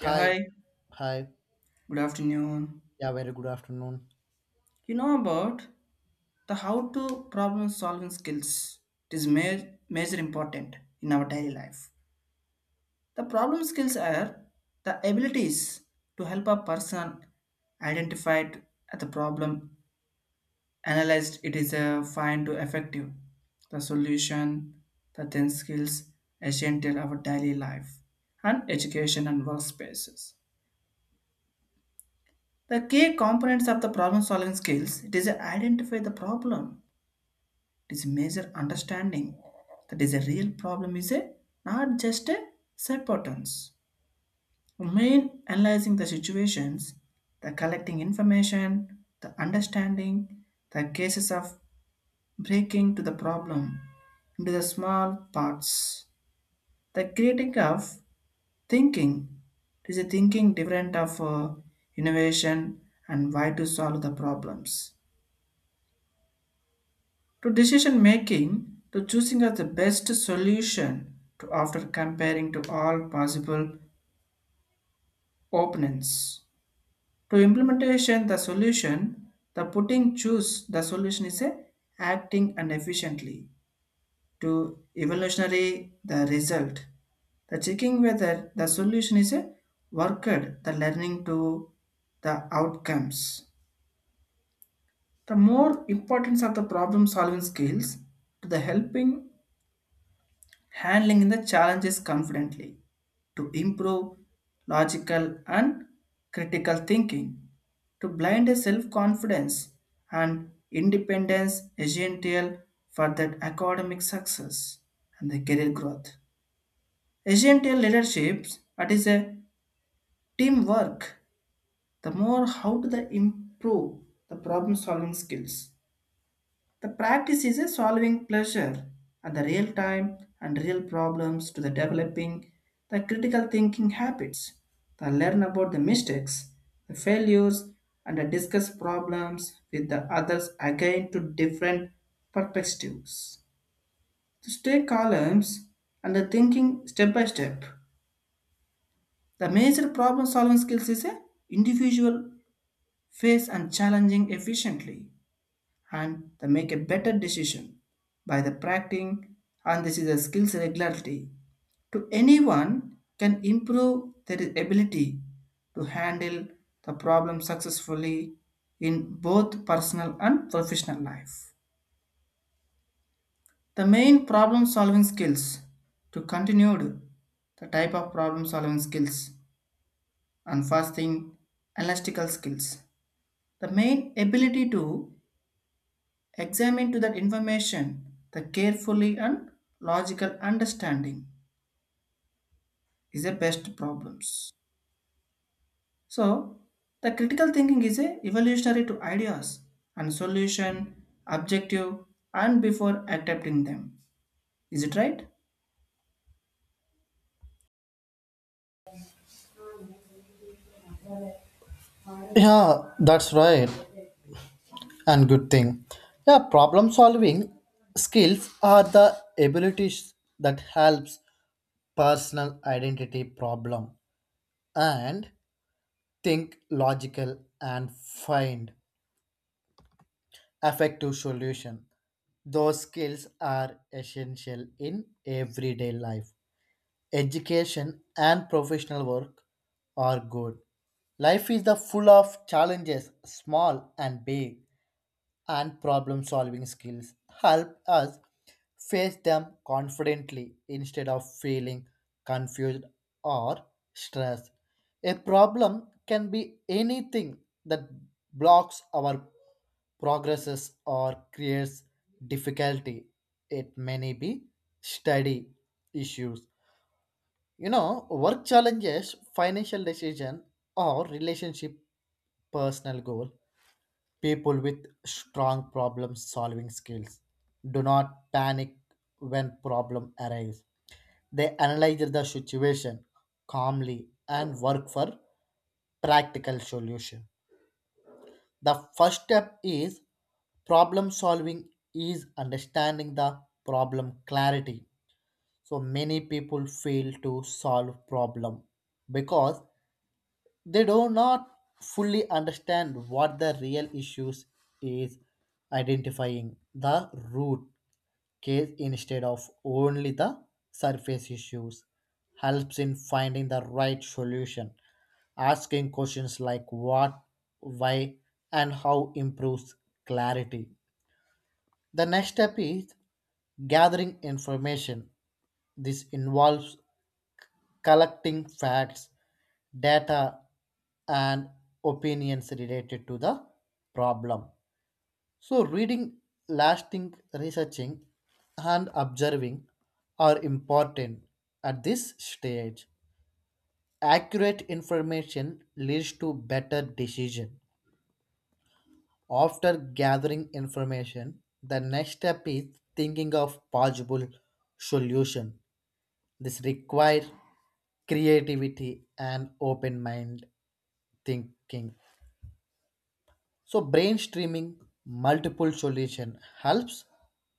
Yeah, Hi, hi. hi. Good afternoon. Yeah, very good afternoon. You know about the how to problem solving skills. It is major important in our daily life. The problem skills are the abilities to help a person identify at the problem, analyzed it is a find to effective the solution, the 10 skills essential our daily life and education and workspaces. The key components of the problem solving skills, it is identify the problem, it is measure understanding that is a real problem, is a not just a subpatterns. Main analyzing the situations, the collecting information, the understanding, the cases of breaking to the problem into the small parts. The creating of thinking, it is a thinking different of innovation and why to solve the problems, to decision making, to choosing as the best solution to after comparing to all possible opponents, to implementation the solution, the putting choose the solution is a acting and efficiently, to evolutionary the result, the checking whether the solution is a worked, the learning to the outcomes. The more importance of the problem solving skills to the helping handling the challenges confidently, to improve logical and critical thinking, to blind a self-confidence and independence, essential for that academic success and the career growth, essential leadership, that is a teamwork. The more how to the improve the problem solving skills, the practice is a solving pleasure at the real time and real problems, to the developing the critical thinking habits. The learn about the mistakes, the failures, and the discuss problems with the others again to different perspectives. To stay columns and the thinking step by step. The major problem solving skills is a individual face and challenging efficiently, and they make a better decision by the practicing, and this is a skills regularity to anyone can improve their ability to handle the problem successfully in both personal and professional life. The main problem solving skills to continued the type of problem solving skills, and first thing elastical skills, the main ability to examine to that information, the carefully and logical understanding is the best problems. So, the critical thinking is a evolutionary to ideas and solution, objective, and before adapting them. Is it right? Yeah, that's right. And good thing. Yeah, problem solving skills are the abilities that helps personal identity problem and think logical and find effective solution. Those skills are essential in everyday life education and professional work are good. Life is the full of challenges, small and big, and problem solving skills help us face them confidently instead of feeling confused or stressed. A problem can be anything that blocks our progresses or creates difficulty. It may be study issues, work challenges, financial decision, or relationship personal goal. People with strong problem solving skills do not panic when problem arrives. They analyze the situation calmly and work for practical solution. The first step is problem solving is understanding the problem clarity. So many people fail to solve problem because they do not fully understand what the real issues is. Identifying the root case instead of only the surface issues helps in finding the right solution. Asking questions like what, why, and how improves clarity. The next step is gathering information. This involves collecting facts, data, and opinions related to the problem. So, reading, lasting, researching, and observing are important at this stage. Accurate information leads to better decision. After gathering information, the next step is thinking of possible solution. This requires creativity and open mind thinking. So brainstorming multiple solution helps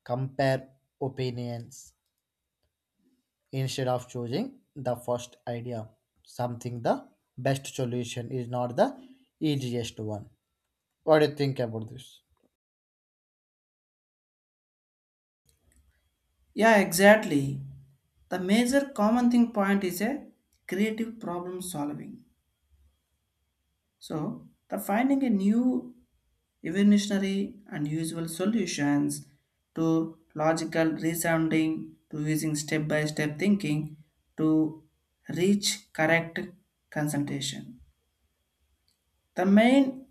compare opinions instead of choosing the first idea. Something the best solution is not the easiest one. What do you think about this? Yeah, exactly. The major common thing point is a creative problem solving. So, the finding a new evolutionary and usual solutions to logical reasoning, to using step by step thinking to reach correct concentration. The main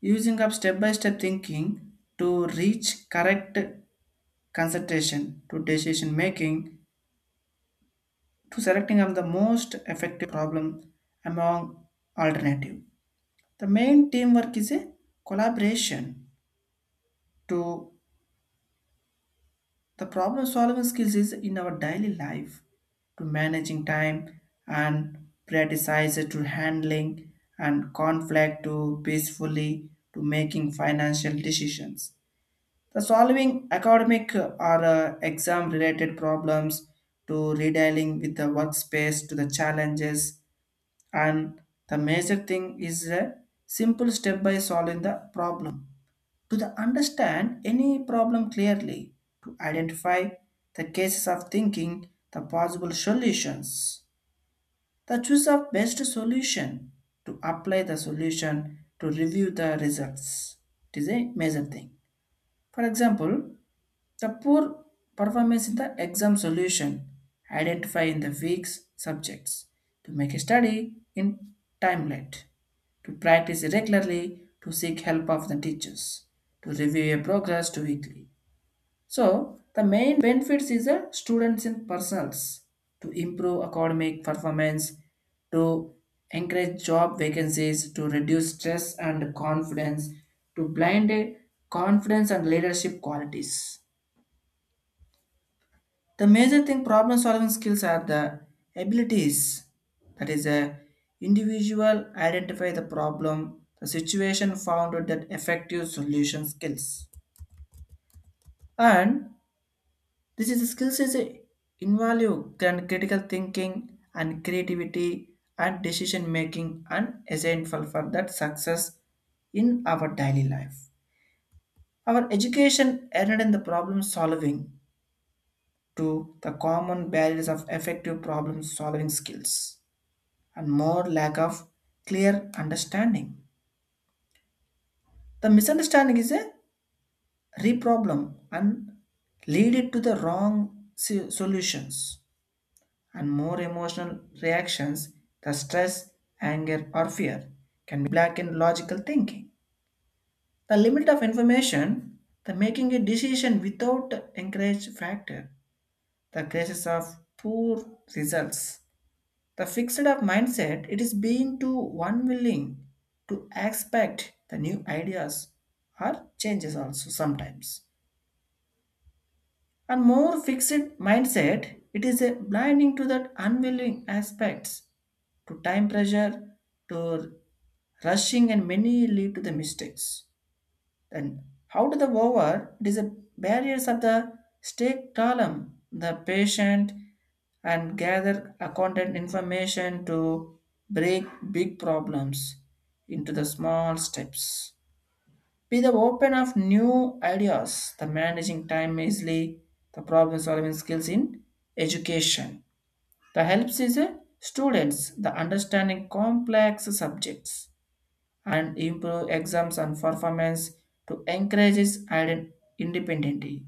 using of step by step thinking to reach correct concentration, to decision making, to selecting of the most effective problem among alternative. The main teamwork is a collaboration to the problem solving skills is in our daily life, to managing time and prioritize, to handling and conflict to peacefully, to making financial decisions. The solving academic or exam related problems, to redealing with the workspace to the challenges, and the major thing is a simple step by solving the problem, to the understand any problem clearly, to identify the cases of thinking, the possible solutions, the choice of best solution, to apply the solution, to review the results. It is a major thing. For example, the poor performance in the exam solution identify in the week's subjects, to make a study in timelet, to practice regularly, to seek help of the teachers, to review your progress to weekly. So the main benefits is the students in personals to improve academic performance, to encourage job vacancies, to reduce stress and confidence, to blind confidence and leadership qualities. The major thing problem solving skills are the abilities that is a individual identify the problem, the situation found with that effective solution skills. And this is the skills is a invaluable can critical thinking and creativity and decision making, and essential for that success in our daily life. Our education added in the problem solving to the common barriers of effective problem solving skills, and more lack of clear understanding. The misunderstanding is a re-problem and lead it to the wrong solutions, and more emotional reactions. The stress, anger, or fear can blacken logical thinking. The limit of information, the making a decision without encourage factor, the causes of poor results. The fixed up mindset, it is being too unwilling to expect the new ideas or changes also sometimes. And more fixed mindset, it is a blinding to that unwilling aspects, to time pressure, to rushing, and many lead to the mistakes. Then, how to the over? It is a barriers of the stake column. The patient and gather accountant information to break big problems into the small steps. Be the open of new ideas. The managing time easily. The problem solving skills in education. The helps is students the understanding complex subjects and improve exams and performance to encourage its independentity.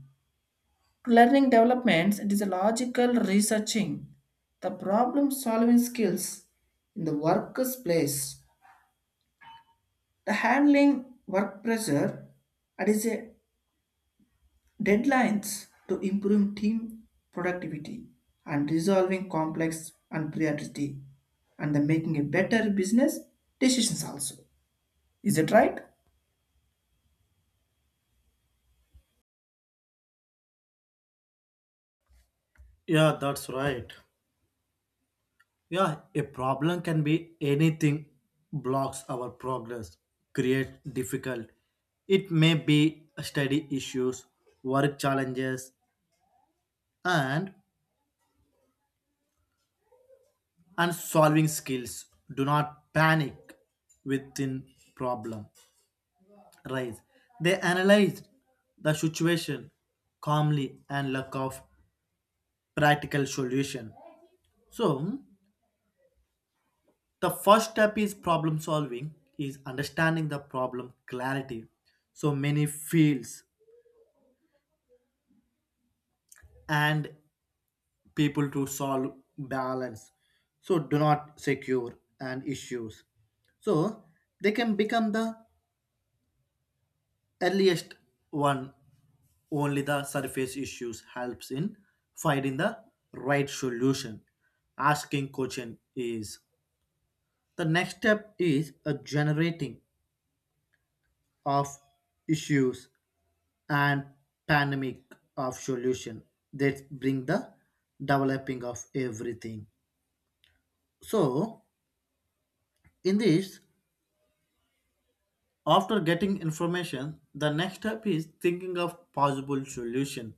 To learning developments, it is a logical researching, the problem solving skills in the workplace, the handling work pressure, and is a deadlines to improve team productivity and resolving complex and priority, and the making a better business decisions also. Is it right? Yeah, that's right. Yeah, a problem can be anything blocks our progress, create difficult. It may be study issues, work challenges, and and solving skills do not panic within problem rise. They analyze the situation calmly and look of practical solution. So the first step is problem solving is understanding the problem clarity. So many fields and people to solve balance, so do not secure and issues, so they can become the earliest one. Only the surface issues helps in finding the right solution. Asking question is the next step is a generating of issues and pandemic of solution that bring the developing of everything, so in this after getting information, the next step is thinking of possible solution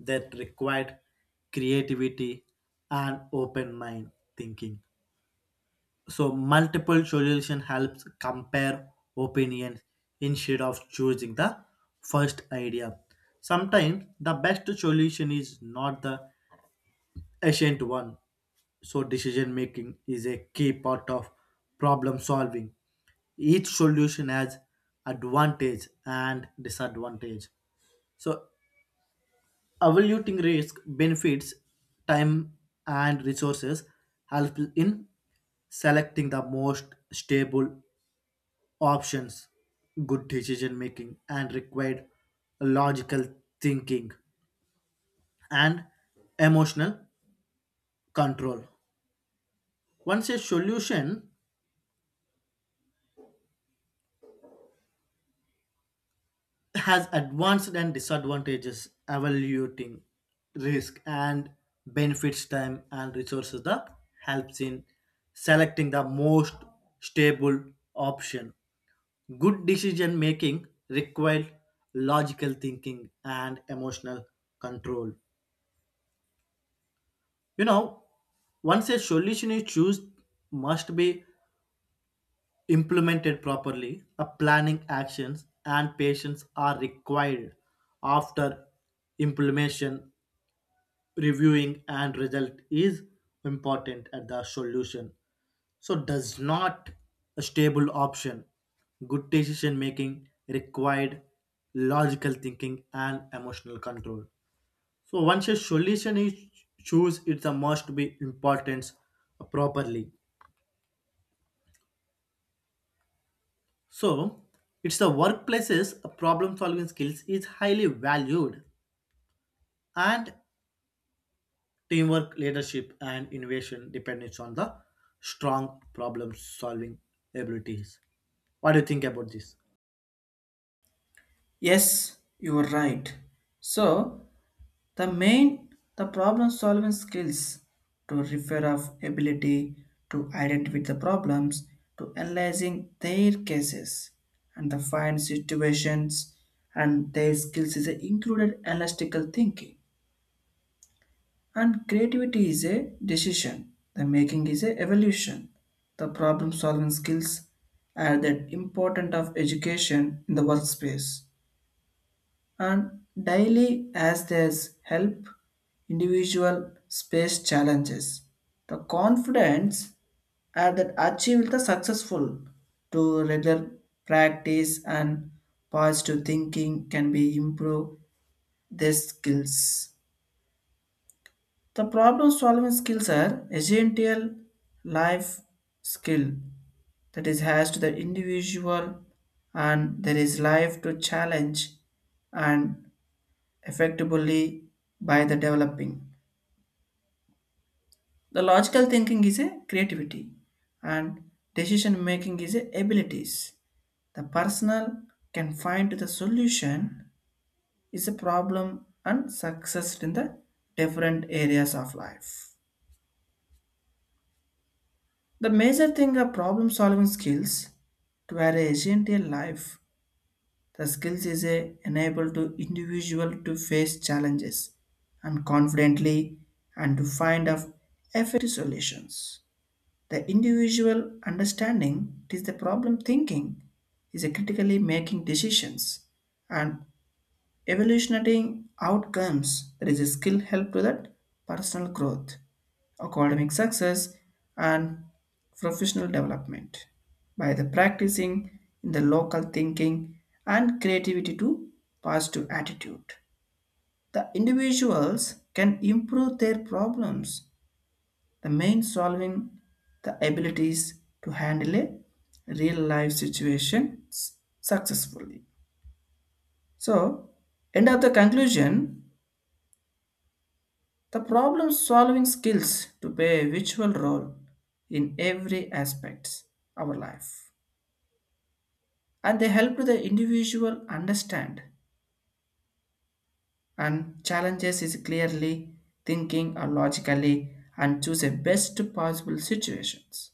that required creativity and open mind thinking. So multiple solution helps compare opinions instead of choosing the first idea. Sometimes the best solution is not the ancient one. So, decision making is a key part of problem solving. Each solution has advantage and disadvantage. So, evaluating risk, benefits, time, and resources help in selecting the most stable options. Good decision making and required logical thinking and emotional control. Once a solution has advanced and disadvantages evaluating risk and benefits time and resources that helps in selecting the most stable option. Good decision making requires logical thinking and emotional control you know Once a solution is chosen must be implemented properly. A planning actions and patience are required after implementation. Reviewing and result is important at the solution, so does not a stable option. Good decision making required logical thinking and emotional control. So once a solution is choose it's a must be importance properly. So it's the workplaces problem solving skills is highly valued, and teamwork, leadership, and innovation depends on the strong problem solving abilities. What do you think about this? Yes, you are right. So the main the problem solving skills to refer of ability to identify the problems, to analyzing their cases and the find situations, and their skills is a included analytical thinking and creativity, is a decision the making is a evolution. The problem solving skills are that important of education in the workspace and daily, as there's help individual space challenges. The confidence are that achieved the successful to regular practice, and positive thinking can be improve their skills. The problem solving skills are essential life skill that is has to the individual, and there is life to challenge and effectively by the developing. The logical thinking is a creativity, and decision making is a abilities. The personal can find the solution is a problem and success in the different areas of life. The major thing are problem solving skills to our essential life. The skills is a enable to individual to face challenges and confidently, and to find of effective solutions. The individual understanding, it is the problem thinking is a critically making decisions and evaluating outcomes, that is a skill help to that personal growth, academic success, and professional development by the practicing in the local thinking and creativity to positive attitude. The individuals can improve their problems, the main solving the abilities to handle a real life situation successfully. So, end of the conclusion, the problem solving skills to play a virtual role in every aspect of our life. And they help the individual understand and challenges is clearly thinking or logically and choose the best possible situations.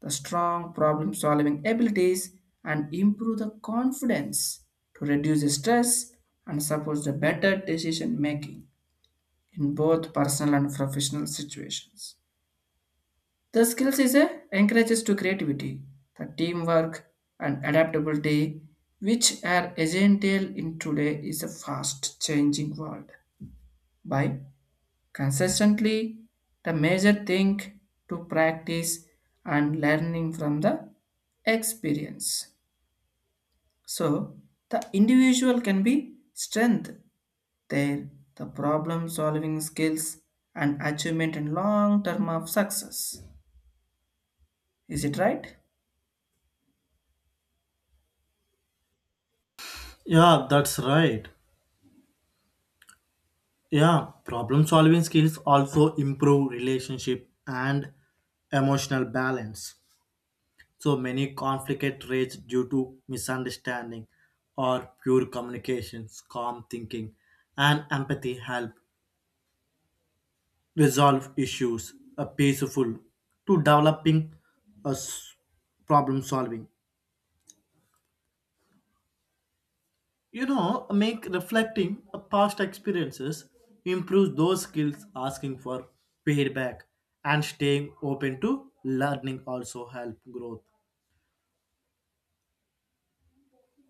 The strong problem solving abilities and improve the confidence to reduce the stress and support the better decision making in both personal and professional situations. The skills is a encourages to creativity, the teamwork, and adaptability, which are essential in today is a fast changing world. By consistently, the major thing to practice and learning from the experience. So the individual can be strength there, the problem solving skills and achievement in long term of success. Is it right? Yeah, that's right. Yeah, problem solving skills also improve relationship and emotional balance. So many conflicts rage due to misunderstanding or pure communications, calm thinking, and empathy help resolve issues peaceful to developing uh, s- problem solving, make reflecting past experiences improves those skills. Asking for feedback and staying open to learning also help growth.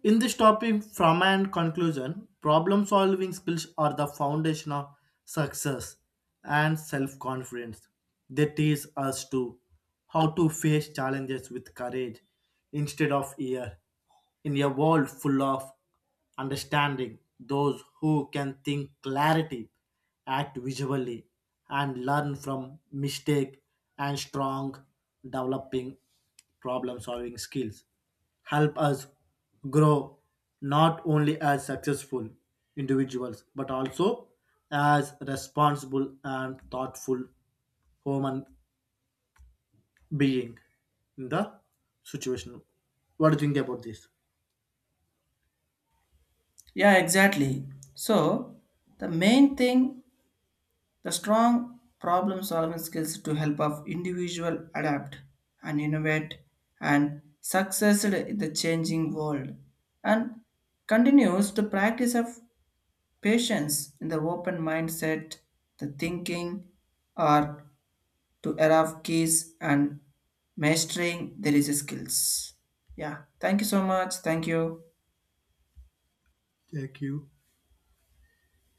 In this topic, from and conclusion, problem solving skills are the foundation of success and self confidence. They teach us to how to face challenges with courage instead of fear, in a world full of understanding those who can think clarity, act visually, and learn from mistake, and strong developing problem solving skills help us grow not only as successful individuals but also as responsible and thoughtful human being in the situation. What do you think about this? Yeah, exactly. So the main thing, the strong problem solving skills to help of individual adapt and innovate and succeed in the changing world, and continues the practice of patience in the open mindset, the thinking, or to era of keys and mastering there is skills. Yeah. Thank you so much. Thank you. Thank you.